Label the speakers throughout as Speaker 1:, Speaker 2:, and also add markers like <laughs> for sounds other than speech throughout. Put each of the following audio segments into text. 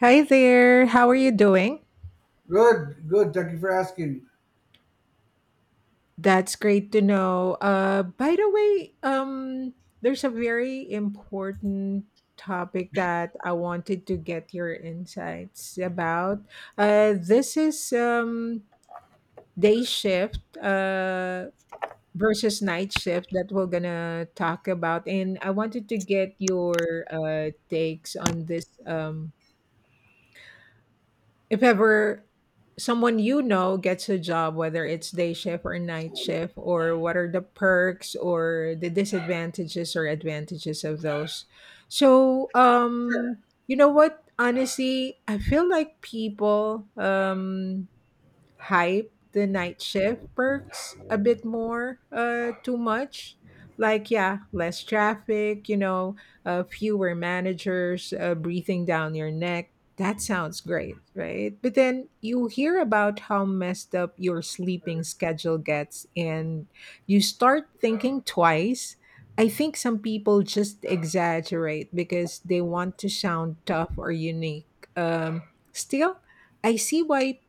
Speaker 1: Hi there. How are you doing?
Speaker 2: Good, good. Thank you for asking.
Speaker 1: That's great to know. By the way, there's a very important topic that I wanted to get your insights about. This is day shift versus night shift that we're gonna talk about, and I wanted to get your takes on this. If ever someone you know gets a job, whether it's day shift or night shift, or what are the perks or the disadvantages or advantages of those? So,
Speaker 2: Sure.
Speaker 1: um, you know what? Honestly, I feel like people hype the night shift perks a bit more too much, like, yeah, less traffic, you know, fewer managers breathing down your neck. That sounds great, right? But then you hear about how messed up your sleeping schedule gets, and you start thinking twice. I think some people just exaggerate because they want to sound tough or unique. Um still I see why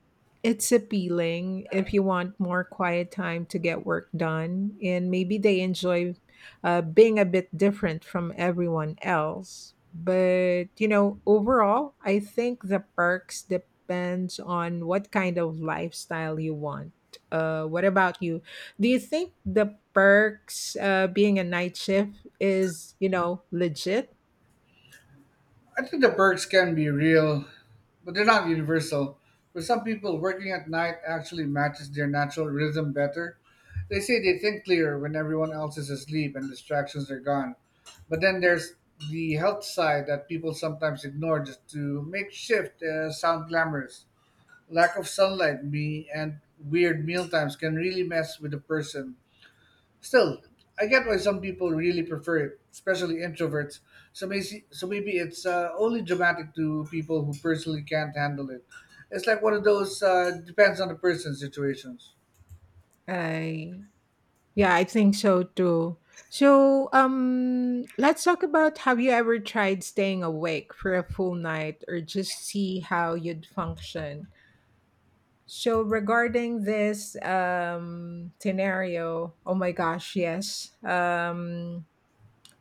Speaker 1: it's appealing if you want more quiet time to get work done, and maybe they enjoy being a bit different from everyone else. But, you know, overall, I think the perks depends on what kind of lifestyle you want. What about you? Do you think the perks being a night shift is, you know, legit?
Speaker 2: I think the perks can be real, but they're not universal. For some people, working at night actually matches their natural rhythm better. They say they think clearer when everyone else is asleep and distractions are gone. But then there's the health side that people sometimes ignore just to make shift sound glamorous. Lack of sunlight me, and weird meal times can really mess with a person. Still, I get why some people really prefer it, especially introverts. So maybe it's only dramatic to people who personally can't handle it. It's like one of those depends on the person situations.
Speaker 1: I Yeah, I think so too. So, let's talk about, have you ever tried staying awake for a full night or just see how you'd function? So, regarding this scenario, oh my gosh, yes.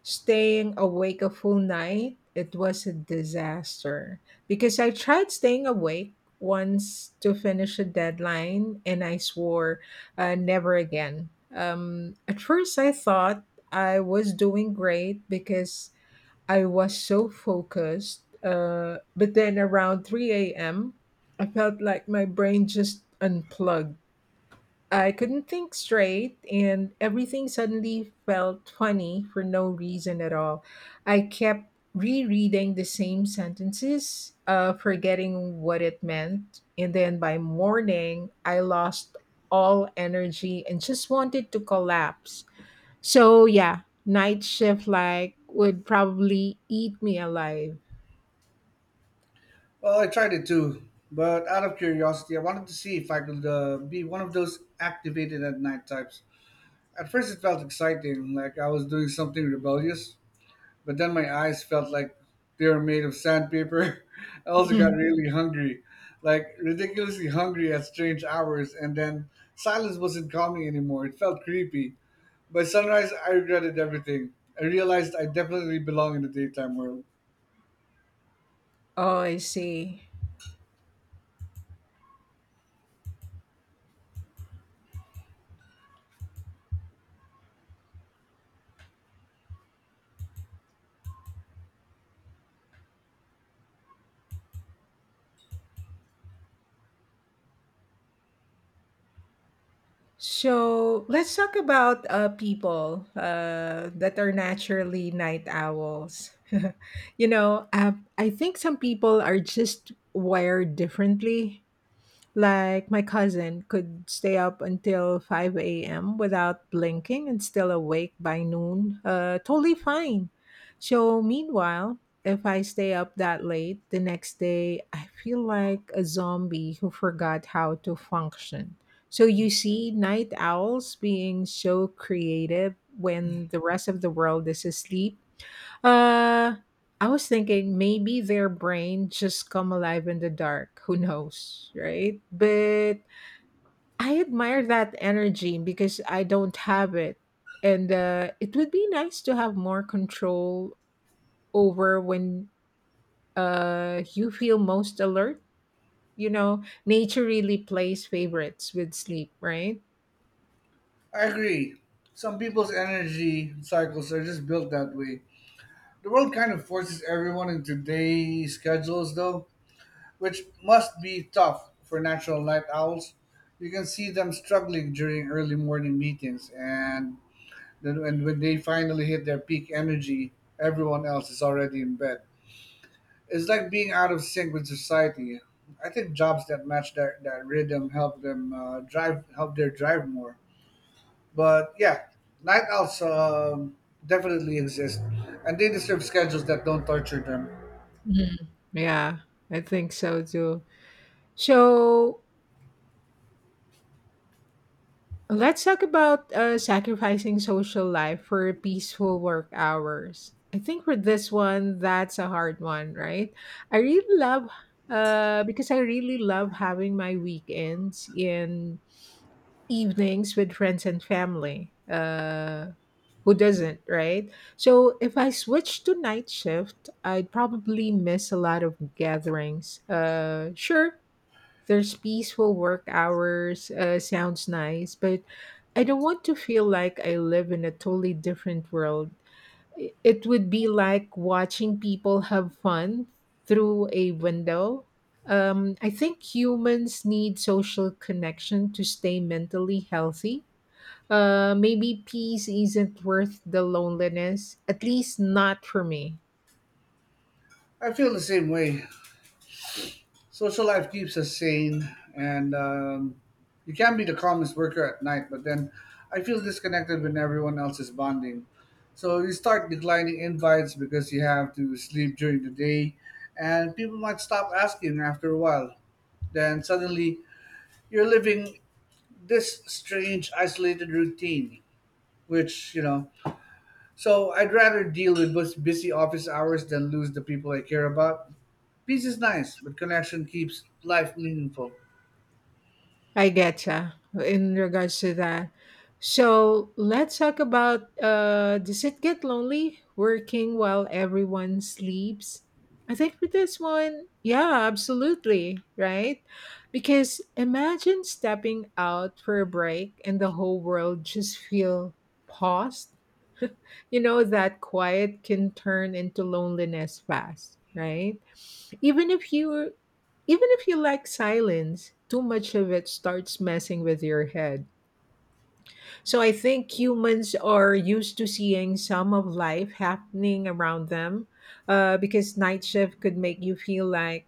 Speaker 1: staying awake a full night, it was a disaster because I tried staying awake once to finish a deadline, and I swore, never again. At first, I thought I was doing great because I was so focused. But then around 3 a.m., I felt like my brain just unplugged. I couldn't think straight, and everything suddenly felt funny for no reason at all. I kept rereading the same sentences, forgetting what it meant. And then by morning, I lost all energy and just wanted to collapse. So, yeah, night shift like would probably eat me alive.
Speaker 2: Well, I tried it too, but out of curiosity, I wanted to see if I could be one of those activated at night types. At first, it felt exciting, like I was doing something rebellious, but then my eyes felt like they were made of sandpaper. <laughs> I also got
Speaker 1: Mhm.
Speaker 2: really hungry, like ridiculously hungry at strange hours. And then silence wasn't calming anymore. It felt creepy. By sunrise, I regretted everything. I realized I definitely belong in the daytime world.
Speaker 1: Oh, I see. So let's talk about people that are naturally night owls. <laughs> You know, I think some people are just wired differently. Like, my cousin could stay up until 5 a.m. without blinking and still awake by noon. Totally fine. So, meanwhile, if I stay up that late the next day, I feel like a zombie who forgot how to function. So, you see night owls being so creative when the rest of the world is asleep. uh, I was thinking maybe their brain just come alive in the dark. Who knows, right? But I admire that energy because I don't have it. And it would be nice to have more control over when you feel most alert. You know, nature really plays favorites with sleep, right?
Speaker 2: I agree. Some people's energy cycles are just built that way. The world kind of forces everyone into day schedules, though, which must be tough for natural night owls. You can see them struggling during early morning meetings, and then when they finally hit their peak energy, everyone else is already in bed. It's like being out of sync with society. I think jobs that match that rhythm help their drive more. But yeah, night owls definitely exist, and they deserve schedules that don't torture them.
Speaker 1: Mhm. Yeah, I think so too. So, let's talk about sacrificing social life for peaceful work hours. I think for this one, that's a hard one, right? I really love because I really love having my weekends in evenings with friends and family. Who doesn't, right? So if I switch to night shift, I'd probably miss a lot of gatherings. Sure, there's peaceful work hours, sounds nice, but I don't want to feel like I live in a totally different world. It would be like watching people have fun through a window. I think humans need social connection to stay mentally healthy. Maybe peace isn't worth the loneliness, at least not for me.
Speaker 2: I feel the same way. Social life keeps us sane, and you can be the calmest worker at night, but then I feel disconnected when everyone else is bonding. So you start declining invites because you have to sleep during the day, and people might stop asking after a while. Then suddenly you're living this strange, isolated routine, which, so I'd rather deal with busy office hours than lose the people I care about. Peace is nice, but connection keeps life meaningful.
Speaker 1: I get ya in regards to that. So let's talk about, does it get lonely working while everyone sleeps? I think for this one, yeah, absolutely, right? Because imagine stepping out for a break and the whole world just feel paused. You know, that quiet can turn into loneliness fast, right? Even if you Even if you like silence, too much of it starts messing with your head. So I think humans are used to seeing some of life happening around them, because night shift could make you feel like,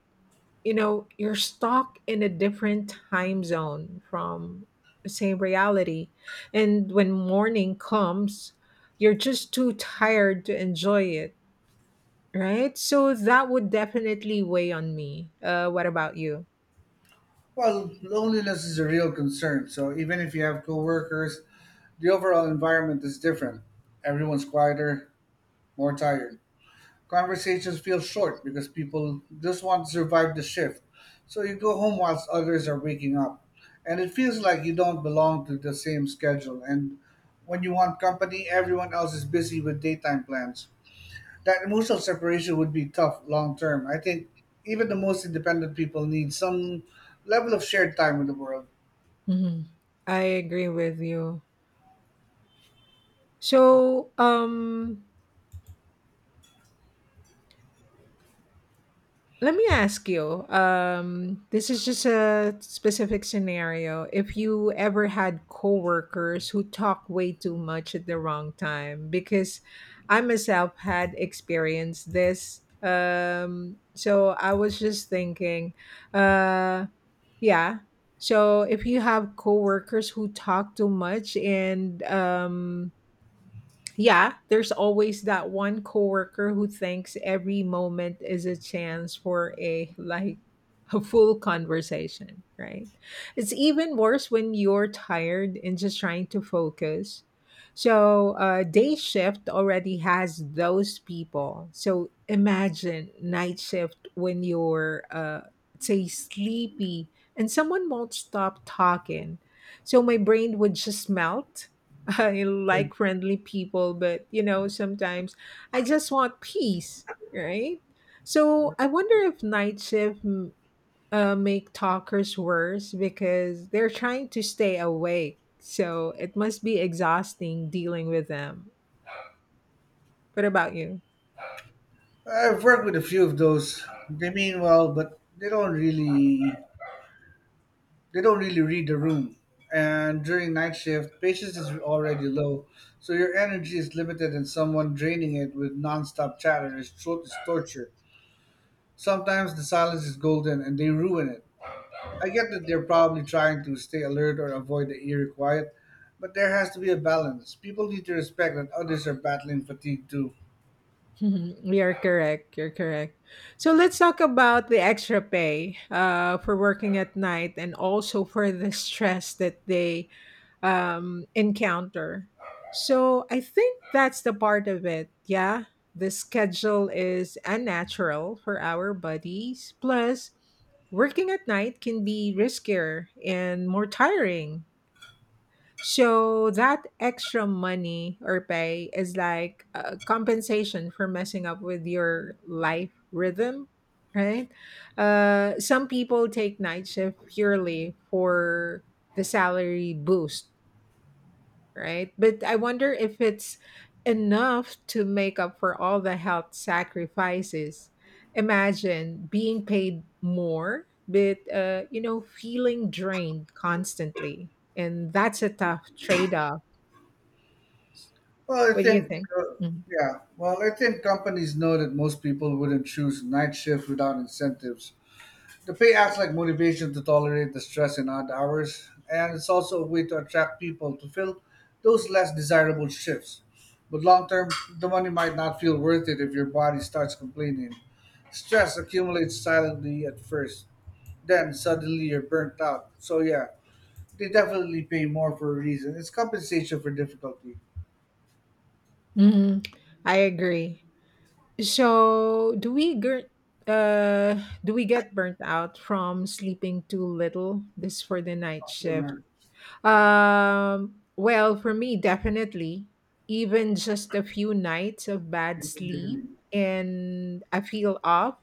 Speaker 1: you know, you're stuck in a different time zone from the same reality. And when morning comes, you're just too tired to enjoy it, right? So that would definitely weigh on me. What about you?
Speaker 2: Well, loneliness is a real concern. So even if you have coworkers, the overall environment is different. Everyone's quieter, more tired. Conversations feel short because people just want to survive the shift. So you go home whilst others are waking up. And it feels like you don't belong to the same schedule. And when you want company, everyone else is busy with daytime plans. That emotional separation would be tough long term. I think even the most independent people need some level of shared time with the world.
Speaker 1: Mhm. I agree with you. So, let me ask you. This is just a specific scenario. If you ever had coworkers who talk way too much at the wrong time, because I myself had experienced this. So I was just thinking, uh, yeah. So if you have coworkers who talk too much and yeah, there's always that one coworker who thinks every moment is a chance for a, like, a full conversation, right? It's even worse when you're tired and just trying to focus. So, day shift already has those people. So, imagine night shift when you're, say, sleepy and someone won't stop talking. So, my brain would just melt. <laughs> I like friendly people, but you know, sometimes I just want peace, right? So I wonder if night shift make talkers worse because they're trying to stay awake. So it must be exhausting dealing with them. What about you? <laughs>
Speaker 2: I've worked with a few of those. They mean well, but they don't really read the room. And during night shift, patience is already low, so your energy is limited, and someone draining it with nonstop chatter is torture. Sometimes the silence is golden, and they ruin it. I get that they're probably trying to stay alert or avoid the eerie quiet, but there has to be a balance. People need to respect that others are battling fatigue too.
Speaker 1: Mhm. You're correct. You're correct. So let's talk about the extra pay for working at night and also for the <laughs> stress that they encounter. So I think that's the part of it. Yeah, the schedule is unnatural for our bodies. Plus, working at night can be riskier and more tiring. So that extra money or pay is like a compensation for messing up with your life rhythm, right? Some people take night shift purely for the salary boost, right? But I wonder if it's enough to make up for all the health sacrifices. Imagine being paid more, but you know, feeling drained constantly, and that's a tough trade-off.
Speaker 2: Well, I
Speaker 1: What do you
Speaker 2: think,
Speaker 1: think?
Speaker 2: uh,
Speaker 1: Mm.
Speaker 2: yeah. Well, I think companies know that most people wouldn't choose night shift without incentives. The pay acts like motivation to tolerate the stress and odd hours, and it's also a way to attract people to fill those less desirable shifts. But long term, the money might not feel worth it if your body starts complaining. Stress accumulates silently at first, then suddenly you're burnt out. So, yeah, they definitely pay more for a reason. It's compensation for difficulty.
Speaker 1: Mhm. I agree. So, do we get burnt out from sleeping too little? This for the night
Speaker 2: Not for
Speaker 1: shift.
Speaker 2: nerve.
Speaker 1: Well, for me, definitely. Even just a few nights of bad sleep and I feel off.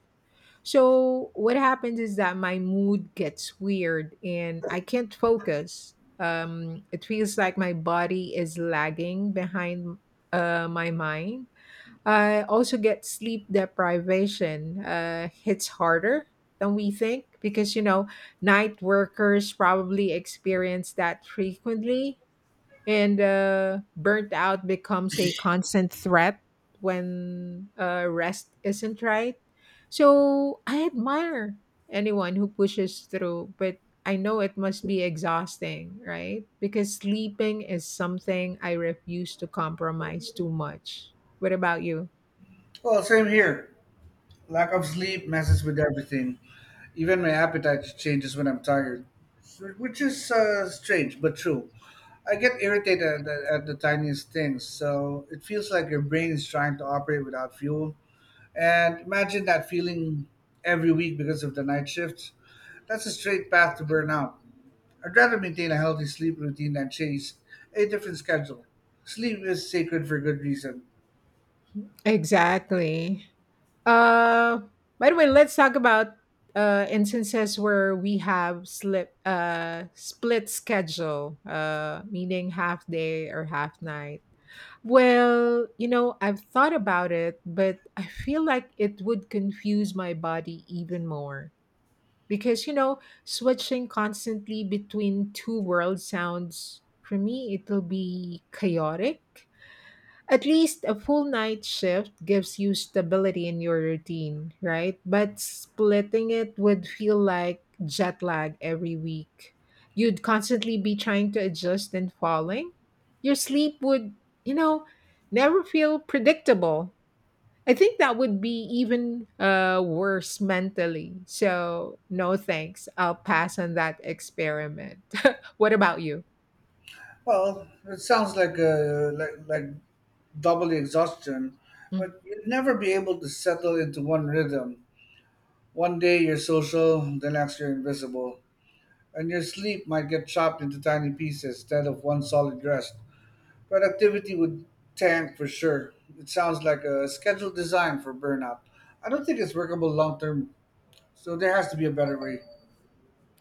Speaker 1: So, what happens is that my mood gets weird and I can't focus. It feels like my body is lagging behind my mind. I also get sleep deprivation. It's harder than we think because, you know, night workers probably experience that frequently. And burnt out becomes a constant threat when rest isn't right. So I admire anyone who pushes through, but I know it must be exhausting, right? Because sleeping is something I refuse to compromise too much. What about you?
Speaker 2: Well, same here. Lack of sleep messes with everything. Even my appetite changes when I'm tired, which is strange but true. I get irritated at the tiniest things, so it feels like your brain is trying to operate without fuel. And imagine that feeling every week because of the night shifts. That's a straight path to burnout. I'd rather maintain a healthy sleep routine than chase a different schedule. Sleep is sacred for good reason.
Speaker 1: Exactly. Uh, by the way, let's talk about instances where we have slip split schedule, meaning half day or half night. Well, you know, I've thought about it, but I feel like it would confuse my body even more, because you know, switching constantly between two worlds sounds, for me, it'll be chaotic. At least a full night shift gives you stability in your routine, right? But splitting it would feel like jet lag every week. You'd constantly be trying to adjust and falling. Your sleep would, you know, never feel predictable. I think that would be even worse mentally. So, no thanks. I'll pass on that experiment. <laughs> What about you?
Speaker 2: Well, it sounds like a like like double the exhaustion,
Speaker 1: Mm-hmm.
Speaker 2: but you'd never be able to settle into one rhythm. One day you're social, the next you're invisible, and your sleep might get chopped into tiny pieces instead of one solid rest. Productivity would tank for sure. It sounds like a scheduled design for burnout. I don't think it's workable long term, so there has to be a better way.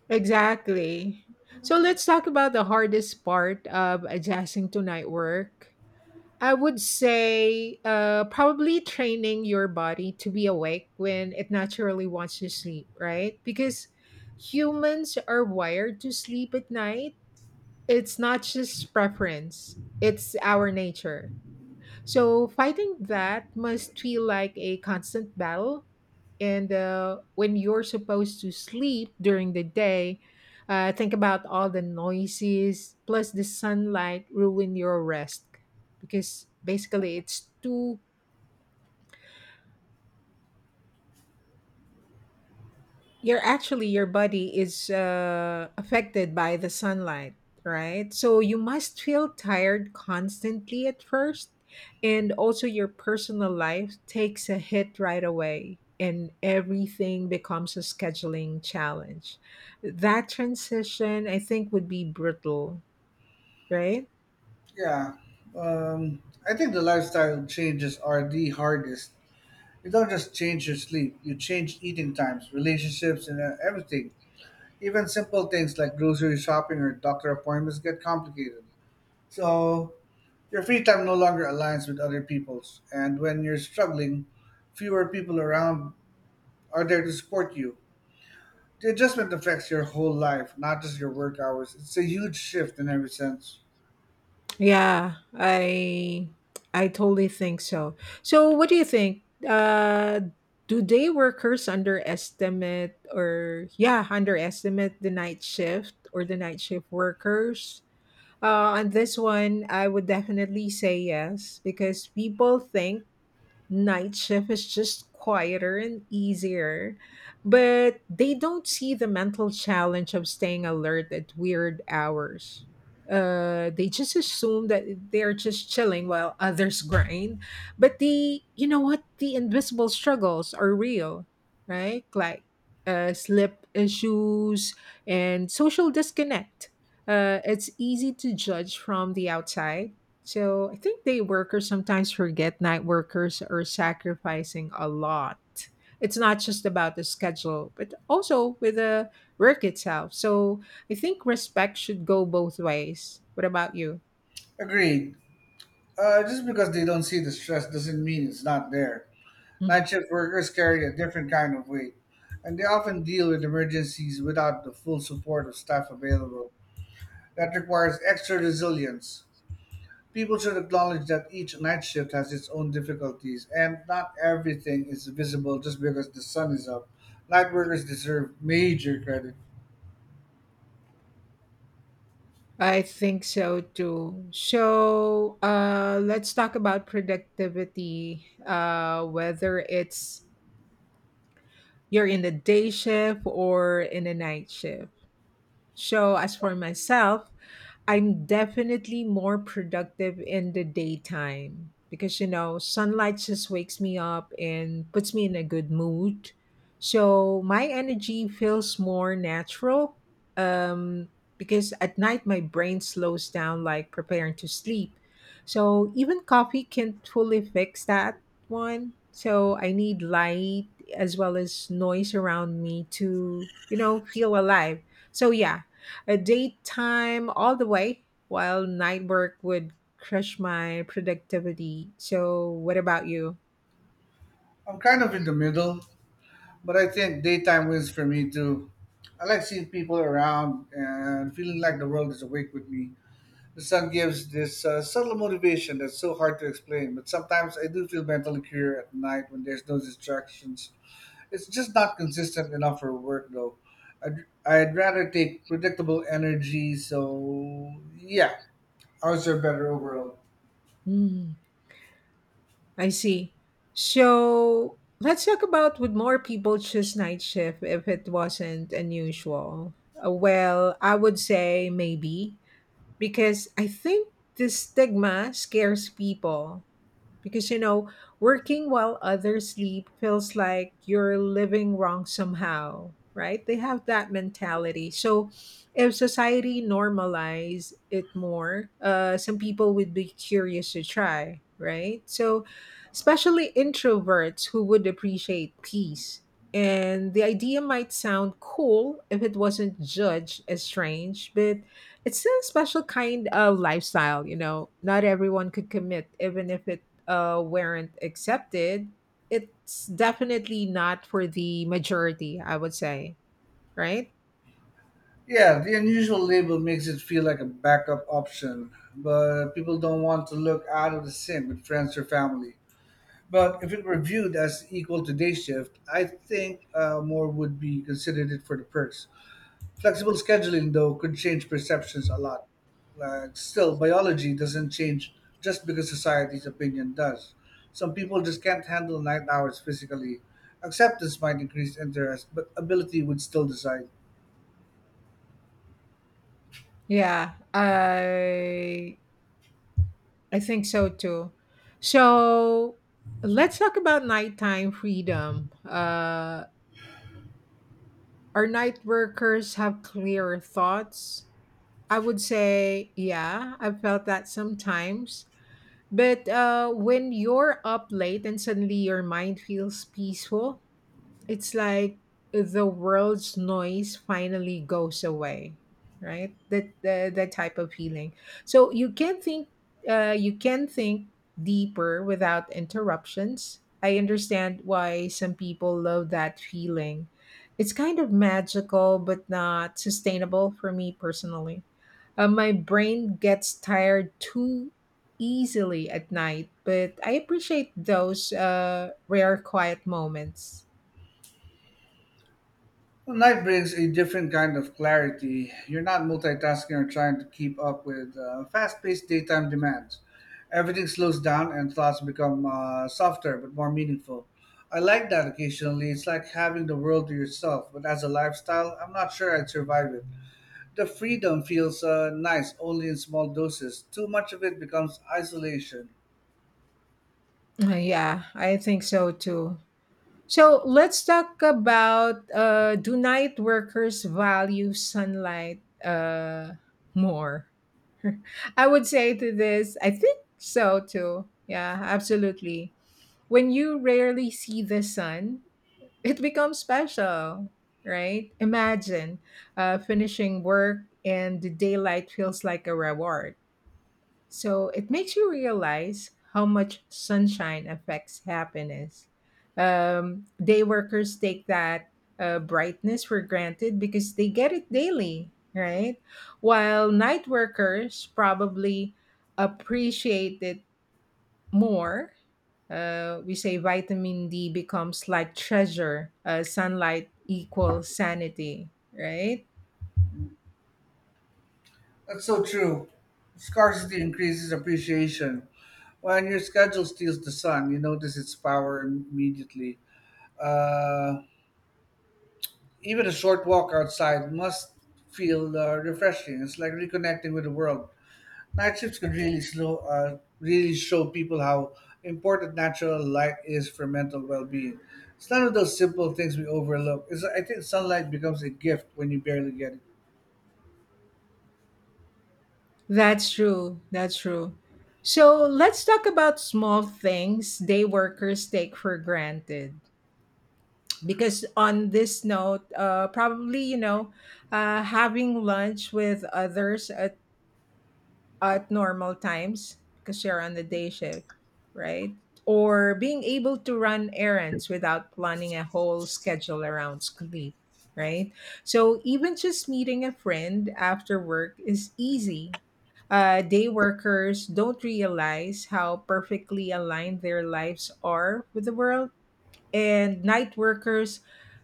Speaker 1: Exactly. So let's talk about the hardest part of adjusting to night work. I would say probably training your body to be awake when it naturally wants to sleep, right? Because humans are wired to sleep at night. It's not just preference, it's our nature. So fighting that must feel like a constant battle. And when you're supposed to sleep during the day, think about all the noises plus the sunlight ruin your rest, because basically it's too You're actually your body is affected by the sunlight, right? So you must feel tired constantly at first, and also your personal life takes a hit right away, and everything becomes a scheduling challenge. That transition, I think, would be brutal, right?
Speaker 2: Yeah, um, I think the lifestyle changes are the hardest. You don't just change your sleep, you change eating times, relationships, and everything. Even simple things like grocery shopping or doctor appointments get complicated. So, your free time no longer aligns with other people's. And when you're struggling, fewer people around are there to support you. The adjustment affects your whole life, not just your work hours. It's a huge shift in every sense.
Speaker 1: Yeah, I totally think so. So what do you think? Do day workers underestimate, or, yeah, underestimate the night shift or the night shift workers? Uh, on this one, I would definitely say yes because people think night shift is just quieter and easier, but they don't see the mental challenge of staying alert at weird hours. They just assume that they're just chilling while others <laughs> grind. But the, you know what, the invisible struggles are real, right? Like, sleep issues and social disconnect. It's easy to judge from the outside, so I think day workers sometimes forget night workers are sacrificing a lot. It's not just about the schedule, but also with the work itself. So I think respect should go both ways. What about you?
Speaker 2: Agreed. Just because they don't see the stress doesn't mean it's not there.
Speaker 1: Mhm.
Speaker 2: Night shift workers carry a different kind of weight, and they often deal with emergencies without the full support of staff available. That requires extra resilience. People should acknowledge that each night shift has its own difficulties, and not everything is visible just because the sun is up. Night workers deserve major credit.
Speaker 1: I think so too. So let's talk about productivity, whether it's you're in the day shift or in the night shift. So as for myself, I'm definitely more productive in the daytime because you know, sunlight just wakes me up and puts me in a good mood. So my energy feels more natural. Um because at night my brain slows down like preparing to sleep. So even coffee can't fully fix that one. So I need light as well as noise around me to, you know, feel alive. So yeah, a daytime all the way, while night work would crush my productivity. So, what about you?
Speaker 2: I'm kind of in the middle, but I think daytime wins for me too. I like seeing people around and feeling like the world is awake with me. The sun gives this subtle motivation that's so hard to explain, but sometimes I do feel mentally clear at night when there's no distractions. It's just not consistent enough for work, though. I'd rather take predictable energy, so yeah, ours are better overall.
Speaker 1: Hmm, I see. So, let's talk about, would more people choose night shift if it wasn't unusual? Well, I would say maybe because I think the stigma scares people. Because, you know, working while others sleep feels like you're living wrong somehow, right? They have that mentality. So, if society normalize it more, some people would be curious to try, right? So, especially introverts who would appreciate peace. And the idea might sound cool if it wasn't judged as strange, but it's a special kind of lifestyle, you know. Not everyone could commit, even if it weren't accepted, it's definitely not for the majority, I would say, right?
Speaker 2: Yeah, the unusual label makes it feel like a backup option, but people don't want to look out of the sync with friends or family. But if it were viewed as equal to day shift, I think more would be considered it for the perks. Flexible scheduling, though, could change perceptions a lot. Like, still, biology doesn't change just because society's opinion does. Some people just can't handle night hours physically. Acceptance might increase interest, but ability would still decide.
Speaker 1: Yeah, I think so too. So let's talk about nighttime freedom. Are night workers have clearer thoughts? I would say, yeah, I've felt that sometimes. But when you're up late and suddenly your mind feels peaceful, it's like the world's noise finally goes away, right? That type of feeling. So you can think, uh, you can think deeper without interruptions. I understand why some people love that feeling. It's kind of magical, but not sustainable for me personally. My brain gets tired too easily at night, but I appreciate those rare quiet moments.
Speaker 2: Well, night brings a different kind of clarity. You're not multitasking or trying to keep up with fast paced daytime demands. Everything slows down and thoughts become softer but more meaningful. I like that occasionally. It's like having the world to yourself, but as a lifestyle, I'm not sure I'd survive it. The freedom feels nice only in small doses. Too much of it becomes isolation.
Speaker 1: Yeah, I think so too. So let's talk about, do night workers value sunlight more? <laughs> I would say to this, I think so too. Yeah, absolutely. When you rarely see the sun, it becomes special, right? Imagine finishing work and the daylight feels like a reward, so it makes you realize how much sunshine affects happiness. Day workers take that brightness for granted because they get it daily, right? While night workers probably appreciate it more. We say vitamin D becomes like treasure, sunlight equals sanity, right?
Speaker 2: That's so true. Scarcity increases appreciation. When your schedule steals the sun, you notice its power immediately. Uh, Even a short walk outside must feel refreshing. It's like reconnecting with the world. Night shifts can really show people how important natural light is for mental well-being. It's none of those simple things we overlook. It's, I think sunlight becomes a gift when you barely get it.
Speaker 1: That's true. That's true. So let's talk about small things day workers take for granted. Because on this note, probably, you know, having lunch with others at normal times because you're on the day shift, right? Or being able to run errands without planning a whole schedule around sleep, right? So even just meeting a friend after work is easy. Day workers don't realize how perfectly aligned their lives are with the world, and night workers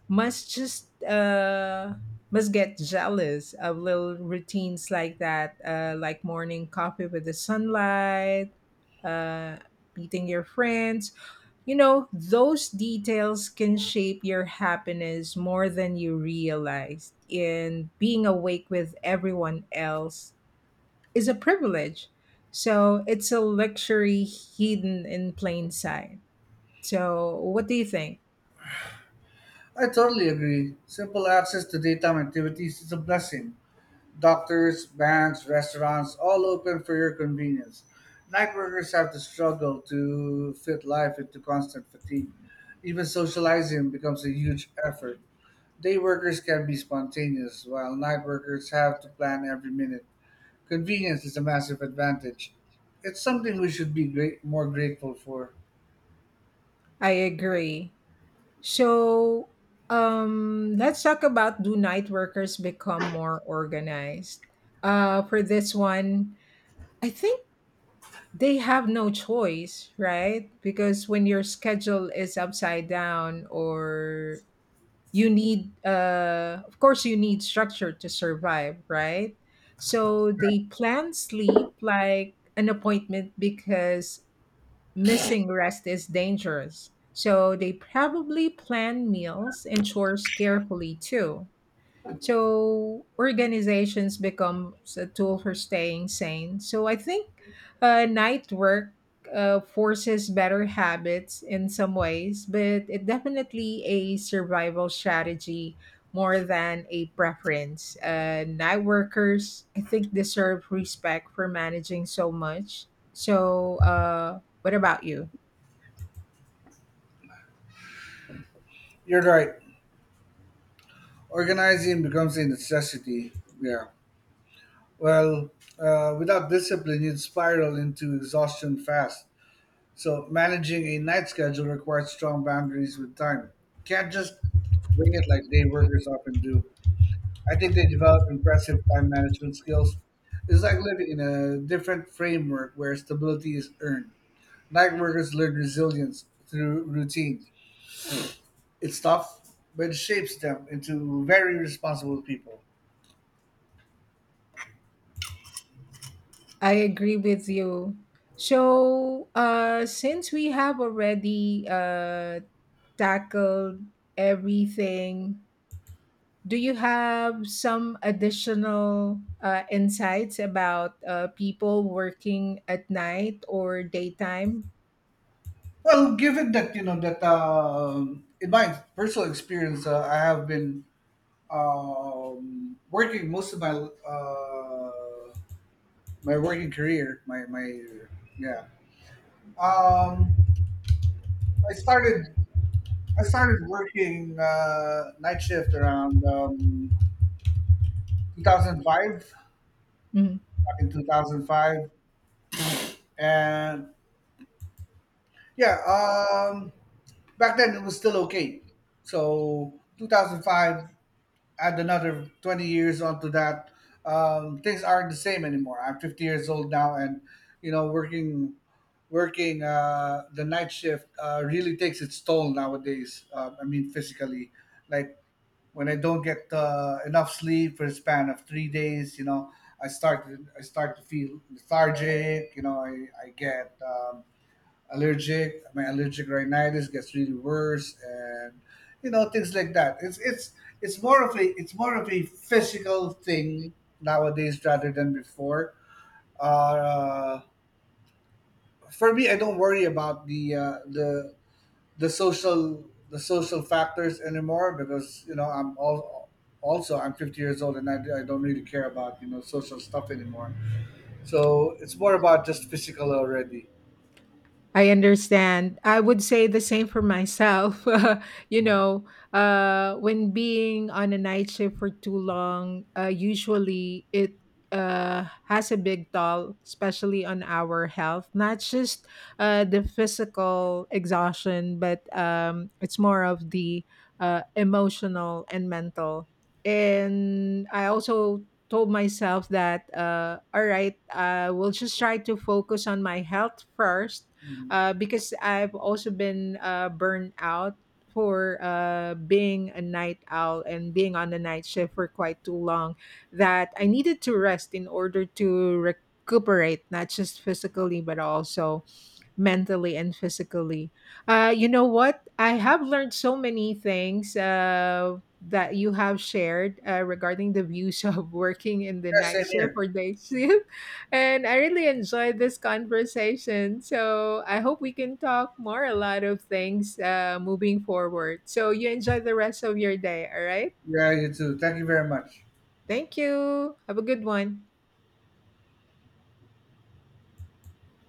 Speaker 1: must just uh must get jealous of little routines like that, like morning coffee with the sunlight, uh meeting your friends. You know, those details can shape your happiness more than you realize, and being awake with everyone else is a privilege, so it's a luxury hidden in plain sight. So what do you think?
Speaker 2: I totally agree. Simple access to data and activities is a blessing. Doctors, banks, restaurants, all open for your convenience. Night workers have to struggle to fit life into constant fatigue. Even socializing becomes a huge effort. Day workers can be spontaneous, while night workers have to plan every minute. Convenience is a massive advantage. It's something we should be more grateful for.
Speaker 1: I agree. So, let's talk about, do night workers become more organized? For this one, I think they have no choice, right? Because when your schedule is upside down, or you need, of course, you need structure to survive, right? So they plan sleep like an appointment because missing rest is dangerous. So they probably plan meals and chores carefully too. So organizations become a tool for staying sane. So I think night work forces better habits in some ways, but it definitely a survival strategy more than a preference. Night workers, I think, deserve respect for managing so much. So, what about you?
Speaker 2: You're right. Organizing becomes a necessity. Yeah. Well, without discipline, you'd spiral into exhaustion fast. So, managing a night schedule requires strong boundaries with time. Can't just wing it like day workers often do. I think they develop impressive time management skills. It's like living in a different framework where stability is earned. Night workers learn resilience through routine. It's tough, but it shapes them into very responsible people.
Speaker 1: I agree with you. So, since we have already tackled everything, do you have some additional insights about people working at night or daytime?
Speaker 2: Well, given that you know that in my personal experience, I have been working most of my my working career. My yeah. Um, I started I started working night shift around 2005.
Speaker 1: Mm-hmm.
Speaker 2: Back in 2005, and yeah, back then it was still okay. So 2005, add another 20 years onto that, things aren't the same anymore. I'm 50 years old now, and you know, working the night shift really takes its toll nowadays. I mean, physically, like when I don't get enough sleep for a span of 3 days, you know, I start to feel lethargic. You know, I get allergic. My allergic rhinitis gets really worse, and you know things like that. It's more of a it's more of a physical thing nowadays rather than before. Uh, for me, I don't worry about the social factors anymore because I'm all also I'm 50 years old and I don't really care about social stuff anymore. So it's more about just physical already.
Speaker 1: I understand. I would say the same for myself. <laughs> You know, when being on a night shift for too long, usually it has a big toll, especially on our health. Not just the physical exhaustion, but it's more of the emotional and mental. And I also told myself that, all right, I will just try to focus on my health first
Speaker 2: Mhm.
Speaker 1: because I've also been burned out for being a night owl and being on the night shift for quite too long that I needed to rest in order to recuperate, not just physically, but also mentally and physically. You know what? I have learned so many things that you have shared regarding the views of <laughs> working in the
Speaker 2: Yeah,
Speaker 1: night
Speaker 2: same
Speaker 1: shift
Speaker 2: here.
Speaker 1: or day shift. And I really enjoyed this conversation. So I hope we can talk more a lot of things, moving forward. So you enjoy the rest of your day. All right.
Speaker 2: Yeah, you too. Thank you very much.
Speaker 1: Thank you. Have a good one.